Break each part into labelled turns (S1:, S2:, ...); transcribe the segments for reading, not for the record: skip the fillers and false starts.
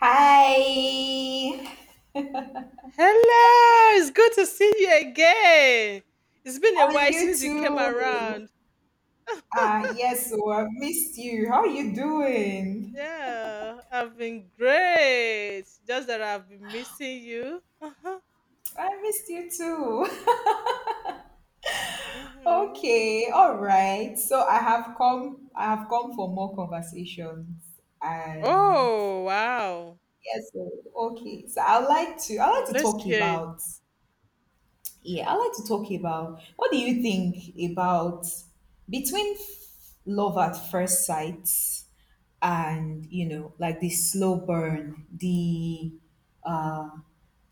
S1: Hi,
S2: Hello, it's good to see you again. It's been a
S1: and
S2: while
S1: you
S2: since you came
S1: too.
S2: around. Ah,
S1: Yes, so I've missed you. How are you doing?
S2: yeah, I've been great. Just that I've been missing you. Uh-huh.
S1: I missed you too.
S2: Hmm.
S1: Okay, all right. I have come for more conversations, and
S2: Oh, wow.
S1: yes, so, okay. So I would like to. I
S2: So
S1: like to
S2: let's
S1: talk
S2: hear it.
S1: about. Yeah, I like to talk about. What do you think about between love at first sight? And you know, like the slow burn, the uh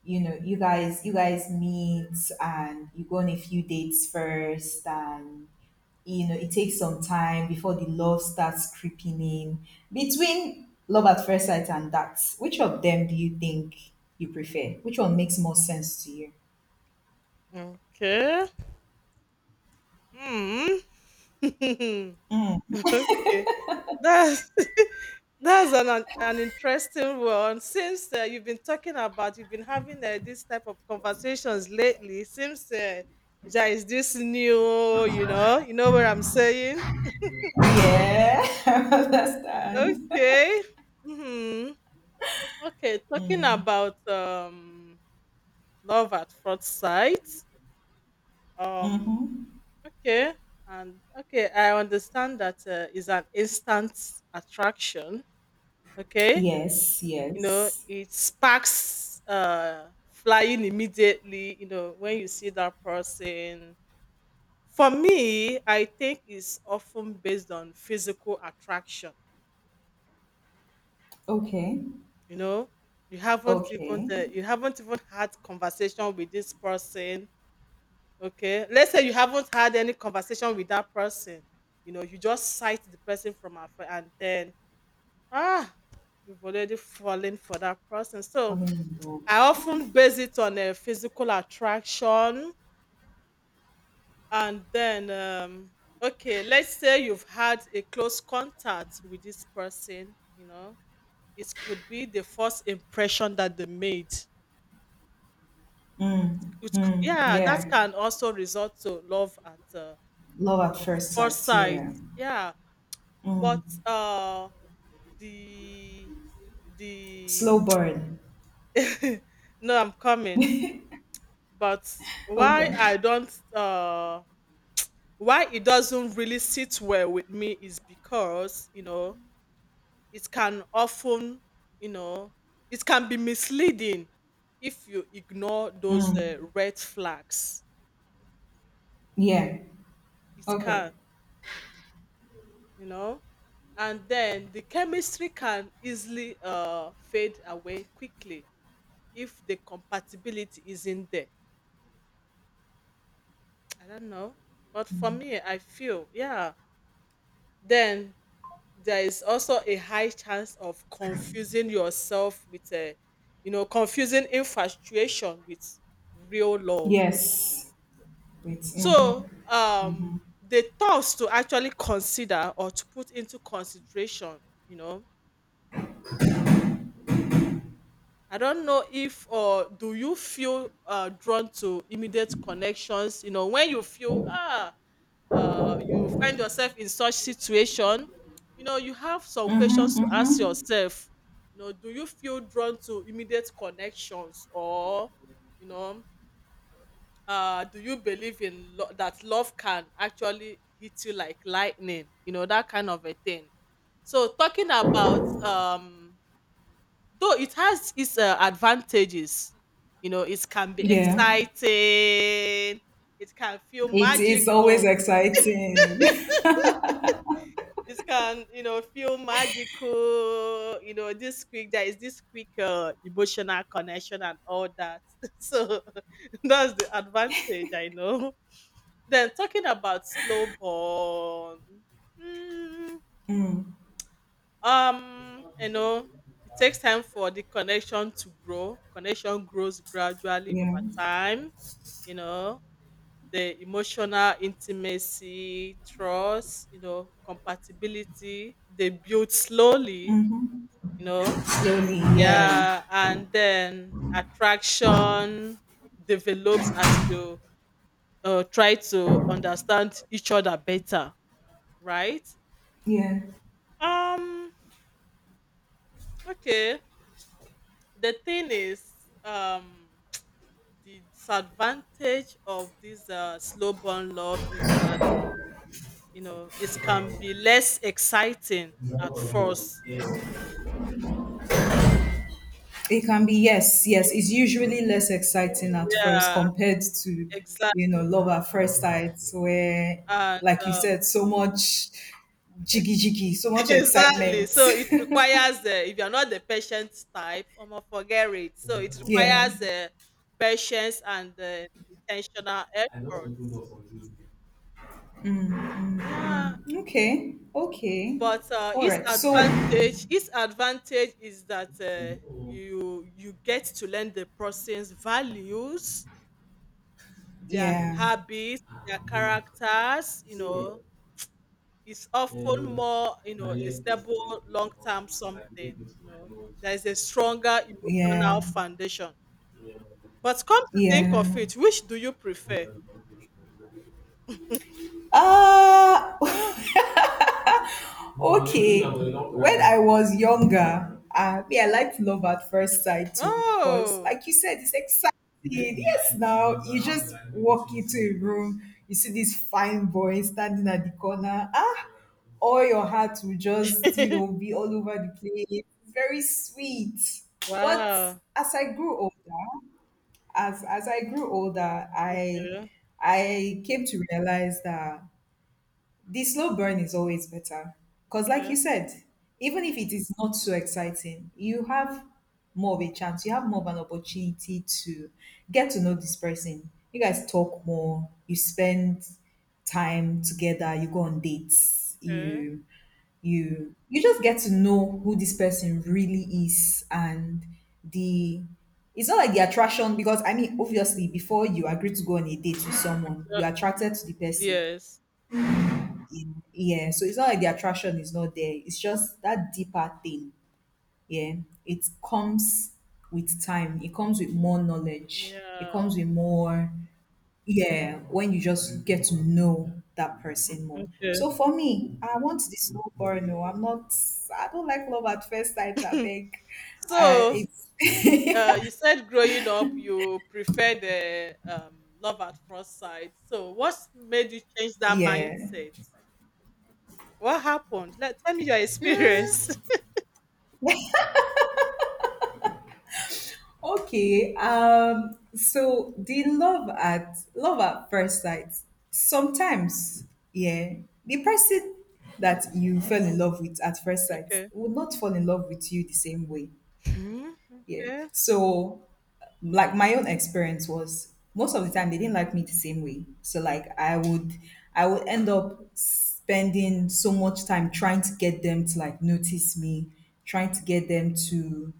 S1: you know, you guys meet and you go on a few dates first, and you know it takes some time before the love starts creeping in. Between love at first sight and that, which of them do you think you prefer? Which one makes more sense to you?
S2: Okay. Hmm. Okay. That's that's an interesting one. Since you've been talking about, you've been having this type of conversations lately. Seems there is this new, you know what I'm saying.
S1: Yeah. I understand.
S2: Okay. Hmm. Okay. Talking about love at first sight. Um.
S1: Hmm.
S2: Okay. And okay, I understand that is an instant attraction. Okay.
S1: Yes,
S2: You know,
S1: yes.
S2: it sparks flying immediately, you know, when you see that person. For me, I think it's often based on physical attraction,
S1: Okay,
S2: you know. You haven't even
S1: okay.
S2: you haven't even had conversation with this person. Okay, let's say you haven't had any conversation with that person. You know, you just sight the person from afar, and then ah you've already fallen for that person. So
S1: Falling in love.
S2: I often base it on a physical attraction. And then okay, let's say you've had a close contact with this person, you know. It could be the first impression that they made.
S1: Mm,
S2: It could,
S1: mm,
S2: yeah, that
S1: yeah.
S2: can also result to love at
S1: Love at
S2: of
S1: first
S2: first
S1: sight.
S2: sight.
S1: Yeah.
S2: Yeah, but
S1: Mm.
S2: the the
S1: Slow burn.
S2: no, I'm coming. But why
S1: Okay.
S2: I don't why it doesn't really sit well with me is because, you know, it can often, you know, it can be misleading if you ignore those
S1: Mm,
S2: red flags.
S1: yeah.
S2: It
S1: Okay.
S2: can, you know, and then the chemistry can easily fade away quickly if the compatibility isn't there. I don't know, but for me, I feel, yeah, then there is also a high chance of confusing yourself with a, you know, confusing infatuation with real love.
S1: Yes. Wait. Mm-hmm.
S2: So the thoughts to actually consider or to put into consideration, you know, I don't know if, or do you feel drawn to immediate connections? You know, when you feel you find yourself in such situation, you know, you have some
S1: Mm-hmm.
S2: questions to ask
S1: Mm-hmm.
S2: yourself. You know, do you feel drawn to immediate connections? Or, you know, do you believe in that love can actually hit you like lightning? You know, that kind of a thing. So talking about though it has its advantages, you know, it can be
S1: Yeah.
S2: exciting, it can feel
S1: It is always
S2: magical.
S1: exciting.
S2: It can, you know, feel magical, you know, this quick, there is this quick emotional connection and all that. So that's the advantage, I know. Then talking about slow burn. Hmm,
S1: Mm,
S2: you know, it takes time for the connection to grow. Connection grows gradually
S1: yeah.
S2: over time, you know. The emotional intimacy, trust, you know, compatibility, they build slowly,
S1: Mm-hmm.
S2: you know.
S1: Slowly. Yeah.
S2: Yeah, and then attraction develops as you try to understand each other better, right.
S1: Yeah.
S2: um okay, the thing is, um the disadvantage of this slow burn love is that, you know, it can be less exciting at first.
S1: It can be, yes, yes. It's usually less exciting at first
S2: Yeah,
S1: compared to,
S2: exactly.
S1: you know, love at first sight, where,
S2: And
S1: like you
S2: uh,
S1: said, so much jiggy jiggy, so much
S2: exactly.
S1: excitement.
S2: So it requires if you're not the patient type, I'm gonna forget it. So it
S1: Yeah.
S2: requires patience and intentional effort.
S1: Mm, mm,
S2: Yeah.
S1: mm. Okay. Okay.
S2: But
S1: All
S2: its
S1: right. So,
S2: advantage its advantage is that you you get to learn the person's values, their
S1: yeah,
S2: habits, their characters. You know, it's often more, you know, a stable long term something. You know, there is a stronger emotional
S1: yeah,
S2: foundation. But come to think of
S1: yeah.
S2: it, which do you prefer?
S1: Ah. Okay, when I was younger, me, I liked love at first sight too, because
S2: Oh,
S1: like you said, it's exciting. Yes, now you just walk into a room, you see this fine boy standing at the corner. Ah, all your heart will just, you know, be all over the place. Very sweet. But
S2: wow.
S1: as I grew older, as I grew older, I
S2: Yeah,
S1: I came to realize that the slow burn is always better. Because, like
S2: yeah,
S1: you said, even if it is not so exciting, you have more of a chance, you have more of an opportunity to get to know this person. You guys talk more, you spend time together, you go on dates,
S2: yeah.
S1: you just get to know who this person really is. And the it's not like the attraction, because I mean obviously before you agree to go on a date with someone,
S2: Okay.
S1: you're attracted to the person.
S2: Yes.
S1: Yeah, so it's not like the attraction is not there. It's just that deeper thing. Yeah, it comes with time. It comes with more knowledge. It
S2: Yeah.
S1: comes with more. Yeah, when you just get to know that person more.
S2: Okay.
S1: So for me, I want this love boy. No, I'm not. I don't like love at first sight. I beg. Uh,
S2: So,
S1: it's
S2: you said growing up, you preferred love at first sight. So, what made you change that
S1: yeah.
S2: mindset? What happened? Let tell me your experience.
S1: Okay. So the love at first sight. Sometimes, yeah, the person that you fell in love with at first sight
S2: Okay.
S1: will not fall in love with you the same way.
S2: Mhm.
S1: Yeah.
S2: Okay.
S1: So, like, my own experience was most of the time they didn't like me the same way. So, like, I would end up spending so much time trying to get them to like notice me, trying to get them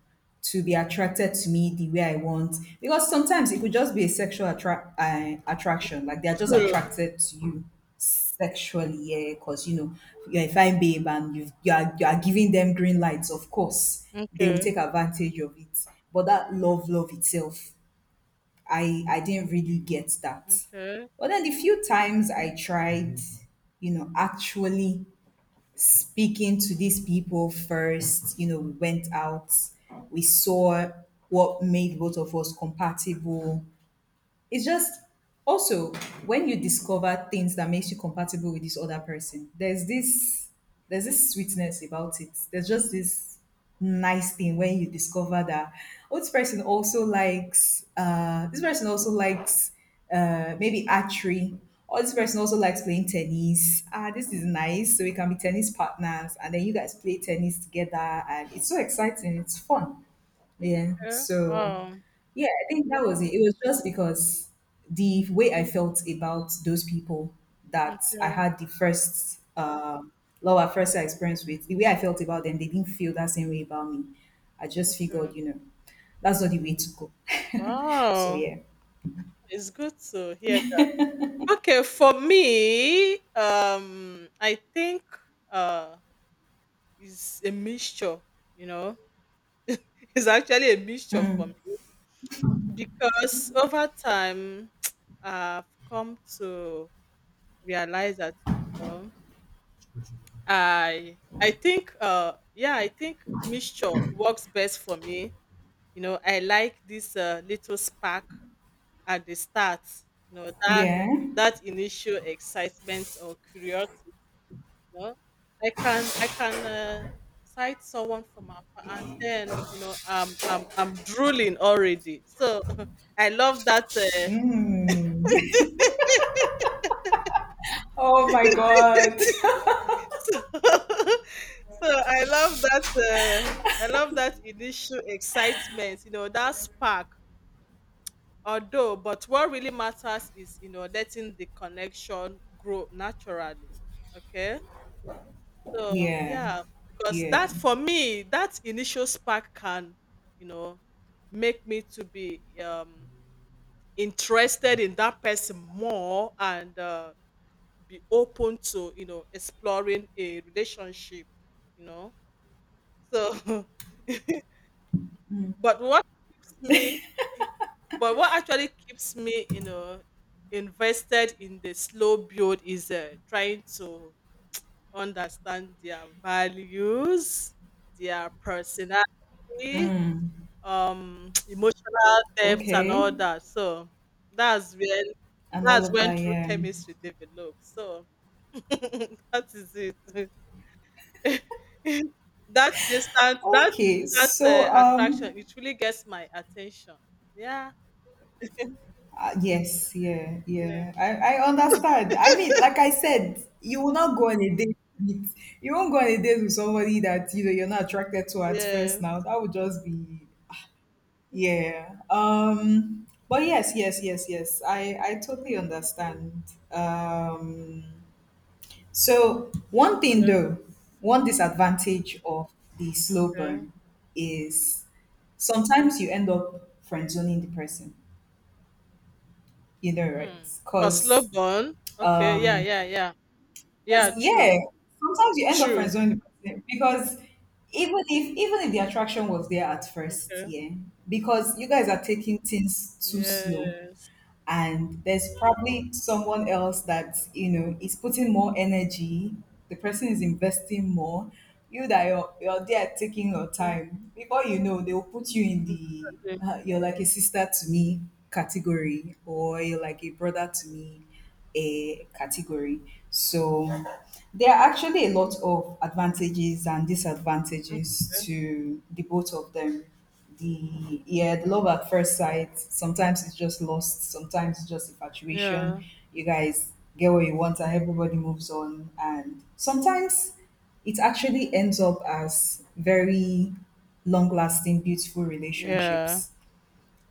S1: to be attracted to me the way I want. Because sometimes it could just be a sexual attraction. Like they're just
S2: True.
S1: attracted to you sexually, yeah, because you know you're a fine babe and you are giving them green lights. Of course, they will
S2: Okay.
S1: take advantage of it. But that love, love itself, I didn't really get that.
S2: Okay.
S1: But then the few times I tried, you know, actually speaking to these people first, you know, we went out, we saw what made both of us compatible. It's just also, when you discover things that makes you compatible with this other person, there's this sweetness about it. There's just this nice thing when you discover that, oh, this person also likes this person also likes maybe archery, or this person also likes playing tennis. Ah, this is nice, so we can be tennis partners. And then you guys play tennis together and it's so exciting, it's fun. Yeah.
S2: Okay.
S1: So,
S2: Wow.
S1: yeah, I think that was it. It was just because the way I felt about those people that I
S2: Okay.
S1: had the first lower first experience with, the way I felt about them, they didn't feel that same way about me. I just figured,
S2: Okay.
S1: you know, that's not the way to go. So
S2: Wow.
S1: yeah.
S2: It's good to hear that. Okay, for me, I think uh, it's a mixture. You know, it's actually a mixture for me because over time I've come to realize that, you know, I think yeah, I think mixture works best for me. You know, I like this little spark at the start. You know that
S1: Yeah.
S2: that initial excitement or curiosity, know, I can cite someone from afar, and then, you know, I'm drooling already. So I love that.
S1: Oh my god.
S2: So, so I love that. Uh, I love that initial excitement. You know that spark. Although, but what really matters is, you know, letting the connection grow naturally. Okay. So
S1: Yeah.
S2: yeah, because that
S1: Yeah.
S2: for me, that initial spark can, you know, make me to be interested in that person more and be open to, you know, exploring a relationship, you know. So but what keeps me but what actually keeps me, you know, invested in the slow build is trying to understand their values, their personality, emotional depth, and all
S1: Okay.
S2: that. So that's when
S1: And all of that,
S2: true
S1: yeah.
S2: chemistry develops. So that is it. That instant that
S1: okay, so
S2: attraction,
S1: um
S2: it really gets my attention. Yeah.
S1: Yes, yeah,
S2: Yeah.
S1: yeah. I understand. I mean, like I said, you will not go on a date with you won't go on a date with somebody that you know you're not attracted to at first now.
S2: Yes.
S1: That would just be yeah. Um, but yes, yes, yes, yes. I totally
S2: Mhm.
S1: understand. Um, so one thing
S2: Okay.
S1: though, one disadvantage of the slow
S2: Okay.
S1: burn is sometimes you end up friend zoning the person. You know, right?
S2: Hmm. For slow
S1: Because
S2: burn. Okay. Yeah.
S1: Um,
S2: Yeah. Yeah. Yeah.
S1: because
S2: True.
S1: yeah, sometimes you end up friend
S2: True.
S1: zoning the person, because even if the attraction was there at first,
S2: Okay.
S1: yeah, because you guys are taking things too slow,
S2: Yes.
S1: and there's probably someone else that you know is putting more energy, the person is investing more, you that you're there taking your
S2: Okay.
S1: time before you know they'll put you in the
S2: Exactly.
S1: you're like a sister to me category, or you're like a brother to me a category. So there are actually a lot of advantages and disadvantages
S2: Okay.
S1: to the both of them. The yeah, the love at first sight. Sometimes it's just lost. Sometimes it's just infatuation.
S2: Yeah.
S1: You guys get what you want, and everybody moves on. And sometimes it actually ends up as very long-lasting, beautiful
S2: Yeah.
S1: relationships.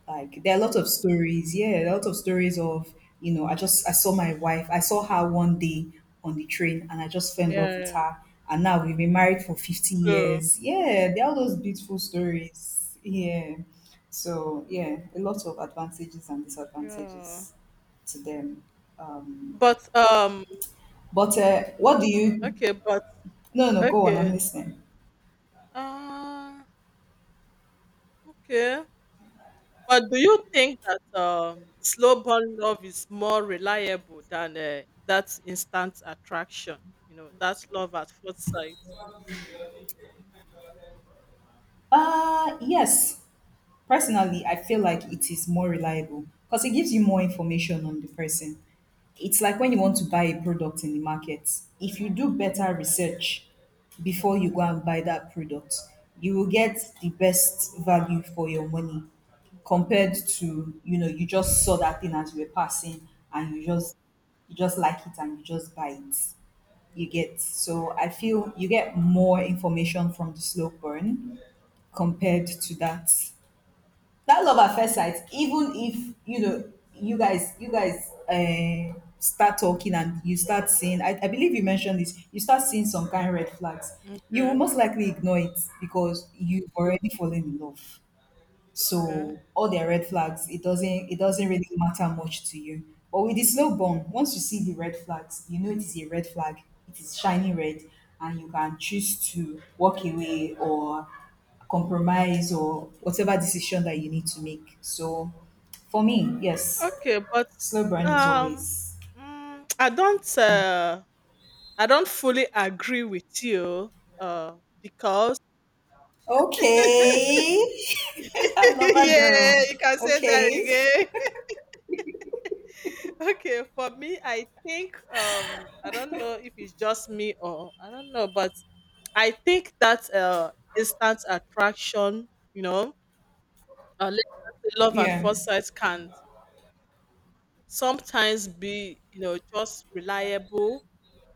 S1: Like there are a lot of stories, yeah, a lot of stories of, you know, I just I saw my wife, I saw her one day on the train, and I just fell in love with
S2: Yeah.
S1: her, and now we've been married for fifty
S2: True.
S1: years. Yeah, there are all those beautiful stories. Yeah, so yeah, a lot of advantages and
S2: Yeah.
S1: disadvantages to them. Um,
S2: But
S1: but what do you?
S2: Okay. But
S1: No, no, go on. I'm
S2: okay.
S1: listening.
S2: Uh. Okay. But do you think that slow burn love is more reliable than that instant attraction? You know, that's love at first sight.
S1: Uh, yes. Personally, I feel like it is more reliable because it gives you more information on the person. It's like when you want to buy a product in the market, if you do better research before you go and buy that product, you will get the best value for your money compared to, you know, you just saw that thing as you were passing and you just like it and you just buy it. You get, so I feel you get more information from the slow burn compared to that love at first sight. Even if you know you guys start talking and you start seeing, I believe you mentioned this, you start seeing some kind of red flags, you will
S2: Okay.
S1: most likely ignore it because you've already fallen in love.
S2: Okay.
S1: So all their red flags, it doesn't really matter much to you. But with the slow burn, once you see the red flags, you know it is a red flag. It is shiny red, and you can choose to walk away or compromise or whatever decision that you need to make. So for me, yes,
S2: Okay. But
S1: slow burn is
S2: um.
S1: always
S2: I don't. I don't fully agree with you, uh, because
S1: okay.
S2: yeah,
S1: Lover girl,
S2: you can say that
S1: okay.
S2: again. Okay, for me, I think I don't know if it's just me or I don't know, but I think that instant attraction, you know, let's just say love at
S1: Yeah,
S2: first sight can sometimes be, you know, just reliable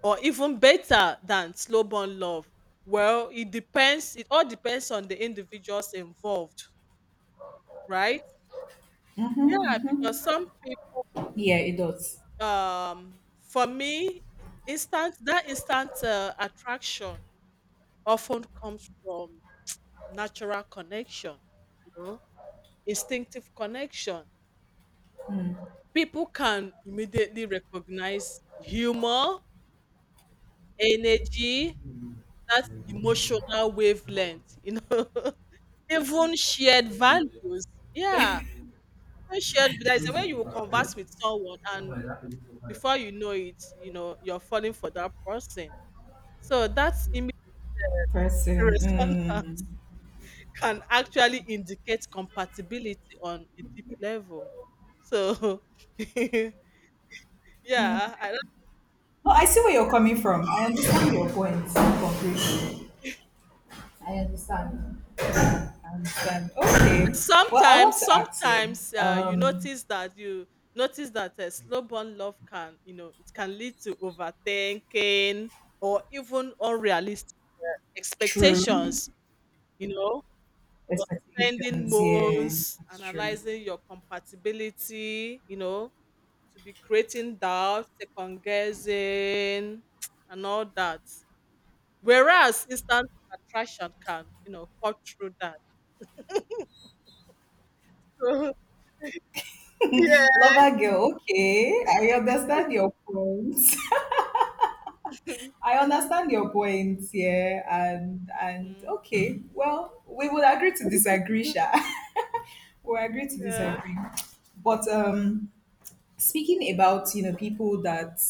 S2: or even better than slow burn love. Well, it depends, it all depends on the individuals involved, right. Yeah, because some people,
S1: yeah, it does.
S2: for me, instant that instant attraction often comes from natural connection, you know, instinctive connection. People can immediately recognize humor, energy, that emotional wavelength, you know, even shared values. Yeah, even shared values. When you converse with someone, and before you know it, you know, you're falling for that person. So that immediate
S1: Person.
S2: response
S1: Mm.
S2: can actually indicate compatibility on a deep level. So,
S1: Mm.
S2: yeah, I
S1: No, I see where you're coming from. I understand your point completely. I understand. I understand. Okay. Well, I
S2: sometimes
S1: want to ask you.
S2: sometimes you notice that slow burn love can, you know, it can lead to overthinking or even unrealistic
S1: True
S2: expectations, you know. You're spending
S1: expectations. Yeah,
S2: months
S1: that's true.
S2: analyzing your compatibility, you know, to be creating doubt, second guessing, and all that, whereas instant attraction can, you know, cut through that. Yeah.
S1: Lover girl. Okay, I understand your point. I understand your points. Yeah, and
S2: Mm.
S1: okay. Well, we would agree to disagree, Sha. We will agree to
S2: Yeah,
S1: disagree. But speaking about, you know, people that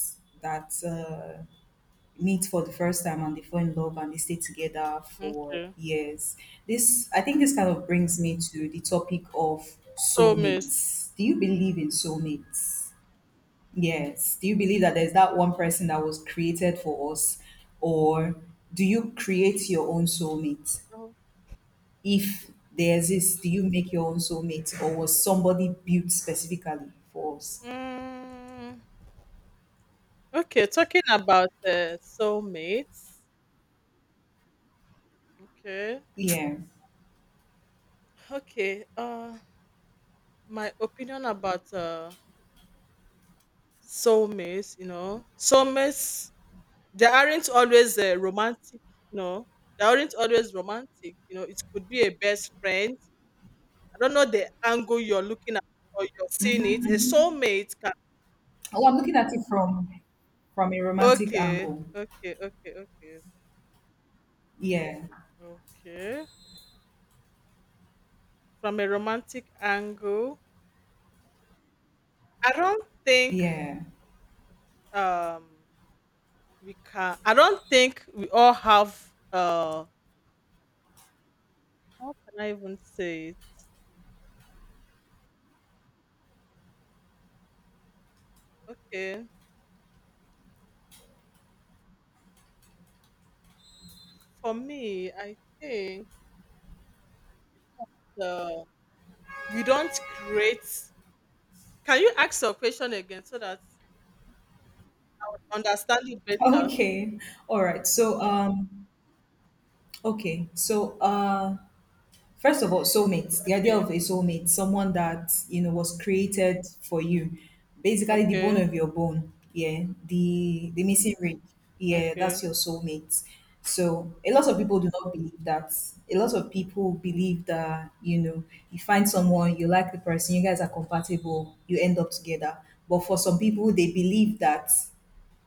S1: that meet for the first time and they fall in love and they stay together for
S2: okay.
S1: years. This I think this kind of brings me to the topic of
S2: Soulmates.
S1: soulmates. Do you believe in soulmates? Yes. Do you believe that there's that one person that was created for us, or do you create your own soulmate?
S2: Oh,
S1: If they exist, do you make your own soulmate, or was somebody built specifically for us?
S2: mm, okay, talking about soulmates. Okay.
S1: Yeah.
S2: Okay. My opinion about soulmates, you know. Soulmates, they aren't always romantic, you know. They aren't always romantic, you know. It could be a best friend. I don't know the angle you're looking at or you're seeing it. A
S1: Hmm.
S2: soulmate can
S1: Oh, I'm looking at it from a romantic
S2: okay,
S1: angle.
S2: okay, okay, okay.
S1: Yeah,
S2: Okay. From a romantic angle, I don't think
S1: yeah.
S2: um we can I don't think we all have how can I even say it? Okay. For me, I think the we don't create, can you ask your question again so that I would understand it better?
S1: Okay. All right. So, okay. So, first of all, soulmates, the idea of
S2: Okay.
S1: a soulmate, someone that, you know, was created for you, basically the bone
S2: Okay.
S1: of your bone. Yeah. The missing ring. Yeah.
S2: Okay.
S1: That's your soulmate. So, a lot of people do not believe that. A lot of people believe that, you know, you find someone, you like the person, you guys are compatible, you end up together. But for some people, they believe that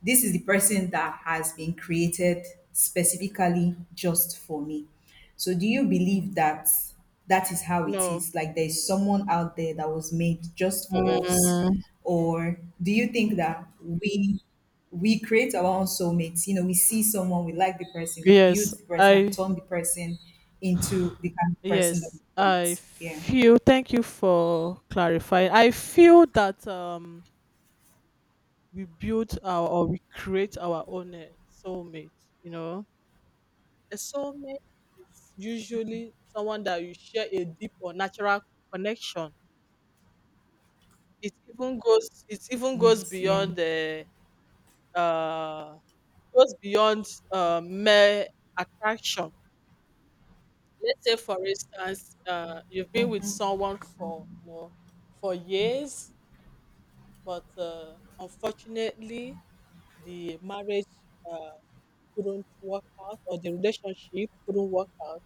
S1: this is the person that has been created specifically just for me. So do you believe that that is how it
S2: No.
S1: is? Like there's someone out there that was made just for us?
S2: Mm,
S1: Or do you think that we create our own soulmates? You know, we see someone, we like the person, we build
S2: yes.
S1: the person and
S2: I
S1: turn the person into the kind of person that we
S2: Yes, I
S1: want. Yeah.
S2: feel. Thank you for clarifying. I feel that we build our or we create our own soulmate. You know, a soulmate is usually someone that you share a deep or natural connection. It even goes. It even
S1: Wait,
S2: goes
S1: yeah.
S2: beyond the uh goes beyond mere attraction. Let's say, for instance, you've been with someone for, you know, for years, but unfortunately, the marriage uh, couldn't work out or the relationship couldn't work out.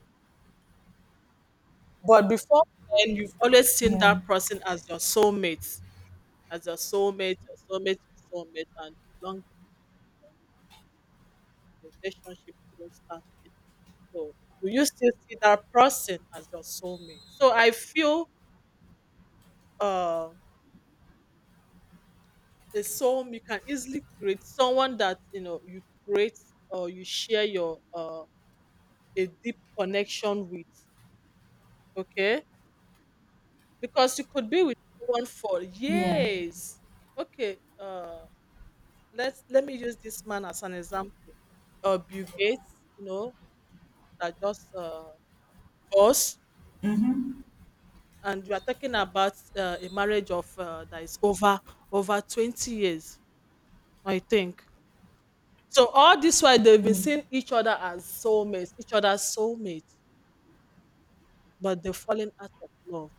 S2: But before then, you've always seen
S1: Yeah.
S2: that person as your soulmate, your soulmate, your soulmate, and along the relationship couldn't stand it. So, do you still see that person as your soulmate? So, I feel uh, a soul, you can easily create someone that, you know, you create or you share your a deep connection with. Okay. Because you could be with someone for
S1: Yeah.
S2: years. Okay. Let's let me use this man as an example. Bill Gates, you know, that just us,
S1: Mm-hmm.
S2: and we are talking about a marriage of that is over over 20 years, I think. So all this while they've been
S1: Mm.
S2: seeing each other as soulmates, each other's soulmates, but they've fallen out of love.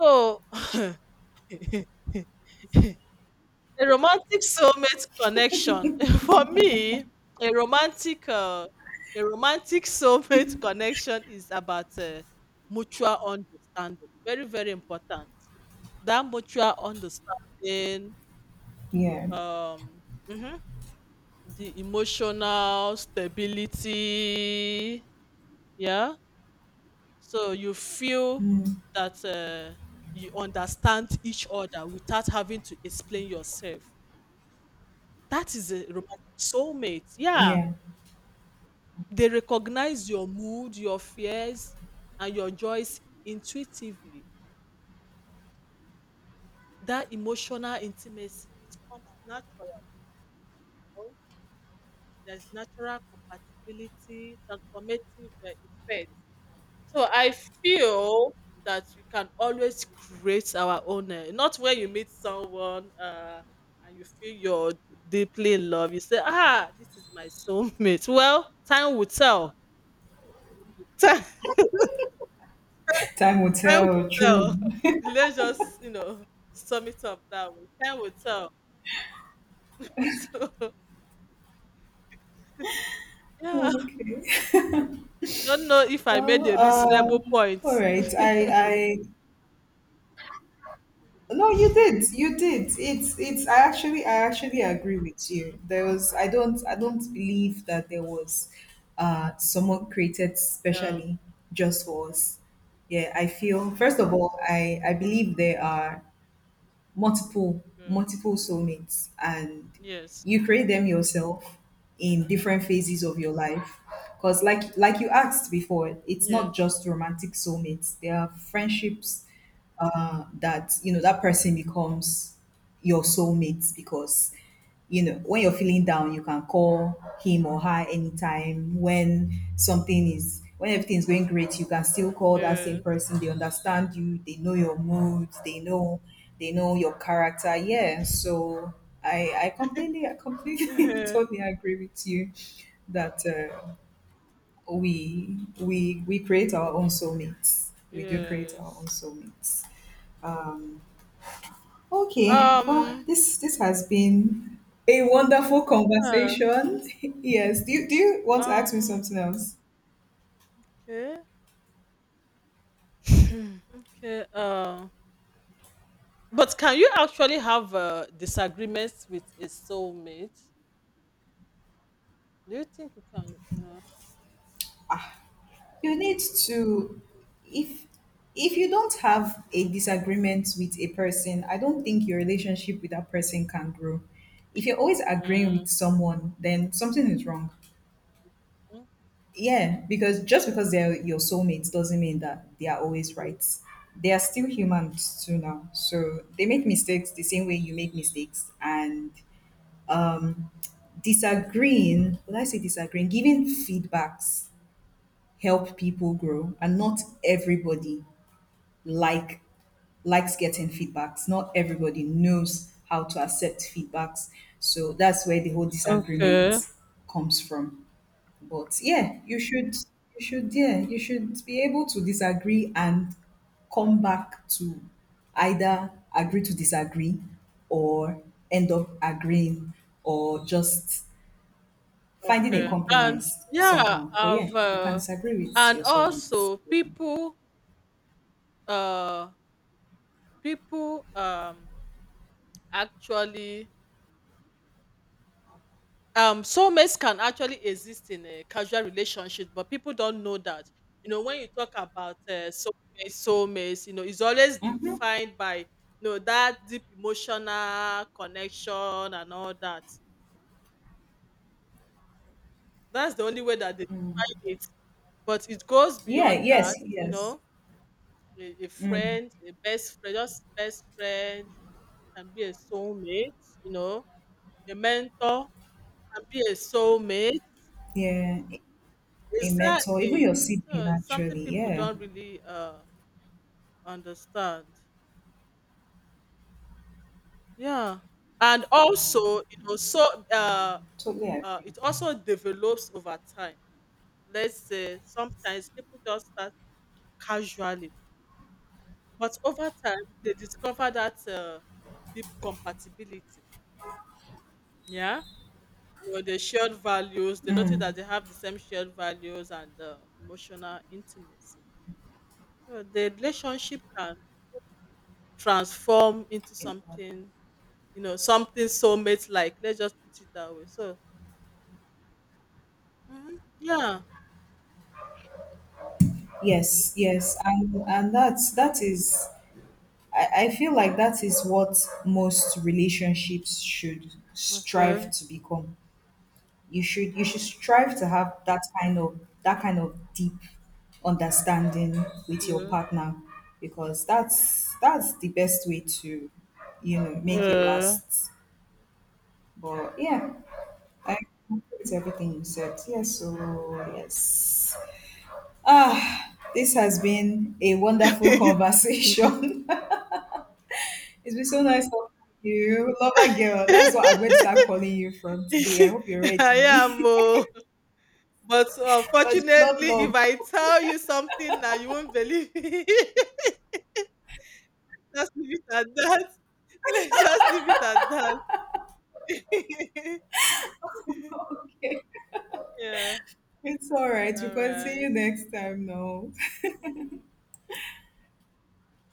S2: So a romantic soulmate connection. For me, a romantic uh, a romantic soulmate connection is about mutual understanding. Very very important. That mutual understanding,
S1: Yeah.
S2: um, mhm, the emotional stability. Yeah. So you feel
S1: Mm.
S2: that you understand each other without having to explain yourself. That is a romantic soulmate. Yeah.
S1: Yeah.
S2: They recognize your mood, your fears, and your joys intuitively. That emotional intimacy, it comes natural. There's natural compatibility, transformative effect. So I feel that we can always create our own. Not when you meet someone and you feel you're deeply in love, you say, ah, this is my soulmate. Well, time will tell.
S1: Time will
S2: Time will
S1: tell. True.
S2: tell. Let's just, you know, sum it up that way. Time will tell. So, yeah.
S1: Okay.
S2: Don't know if I
S1: Well,
S2: made a reasonable
S1: all
S2: point.
S1: right. No, you did. You did. It's, it's. I actually agree with you. There was. I don't. I don't believe that there was, someone created
S2: Yeah.
S1: specially just for us. Yeah, I feel. First of all, I believe there are
S2: Okay.
S1: multiple soulmates, and
S2: Yes.
S1: you create them yourself in different phases of your life. Because, like you asked before, it's not
S2: Yes.
S1: just romantic soulmates, there are friendships, that, you know, that person becomes your soulmate because, you know, when you're feeling down you can call him or her anytime, when something is, when everything is going great you can still call that same
S2: Yes.
S1: person. They understand you, they know your mood, they know your character. Yeah, so I completely, I completely totally agree with you that we create our own soulmates. We do create our own
S2: Yes.
S1: soulmates. Um, Okay, well,
S2: Um.
S1: this has been a wonderful
S2: uh,
S1: conversation. Yes. Do you want to ask me
S2: um.
S1: something else?
S2: Okay. Hmm, okay. But can you actually have disagreements with a soulmate? Do you think you can? You know.
S1: You need to, if you don't have a disagreement with a person, I don't think your relationship with that person can grow. If you're always agreeing
S2: Mm,
S1: with someone, then something is wrong. Yeah, because just because they're your soulmates doesn't mean that they are always
S2: okay.
S1: right. They are still humans too now. So they make mistakes the same way you make mistakes. And disagreeing would I say disagreeing, giving feedbacks, help people grow. And not everybody like likes getting feedbacks, not everybody knows how to accept feedbacks. So that's where the whole
S2: Okay,
S1: disagreement comes from. But yeah, you should yeah, you should be able to disagree and come back to either agree to disagree or end up agreeing or just finding a
S2: okay. And
S1: compromise
S2: yeah,
S1: somehow. But yeah,
S2: I've
S1: you can disagree with
S2: and
S1: your soulmates.
S2: also people uh people um actually soulmates can actually exist in a casual relationship, but people don't know that. You know, when you talk about soulmates, soulmates, you know, it's always
S1: Yeah. Hmm.
S2: defined by, you know, that deep emotional connection and all that. That's the only way that they define it. But it goes
S1: Yeah,
S2: beyond
S1: yes,
S2: that, you
S1: yes.
S2: know, a friend, a best friend, just best friend can be a soulmate, you know, a mentor can be a soulmate.
S1: Yeah, a mentor, even
S2: Exactly.
S1: your sibling,
S2: So it's something
S1: actually.
S2: people
S1: Yeah,
S2: don't really understand. Yeah. And also, you know, so
S1: yeah,
S2: uh
S1: totally agree.
S2: it also develops over time. Let's say sometimes people just start casually, but over time they discover that deep compatibility. Yeah, you know, the shared values, they notice that they have the same shared values and emotional intimacy. So the relationship can transform into
S1: It-
S2: something, you know, something soulmate like, let's just put it that way. So mhm, yeah,
S1: yes, yes, and that's that is. I feel like that is what most relationships should
S2: okay,
S1: strive to become. You should strive to have that kind of deep understanding with your
S2: okay.
S1: partner, because that's the best way to, you know, make it
S2: Yeah.
S1: last. But yeah, I agree with everything you said. Yes, so yes. Ah, this has been a wonderful conversation. It's been so nice talking to you, lover girl. That's what I'm going to start calling you from today. I hope you're
S2: I am,
S1: ready.
S2: oh. But
S1: Because you
S2: unfortunately, if
S1: love
S2: I
S1: love.
S2: tell you something now, you won't believe me. Just leave it at that. Let's just leave it at that. Yeah.
S1: It's all right. We
S2: All
S1: can see you
S2: right.
S1: next time now.
S2: Mm-hmm.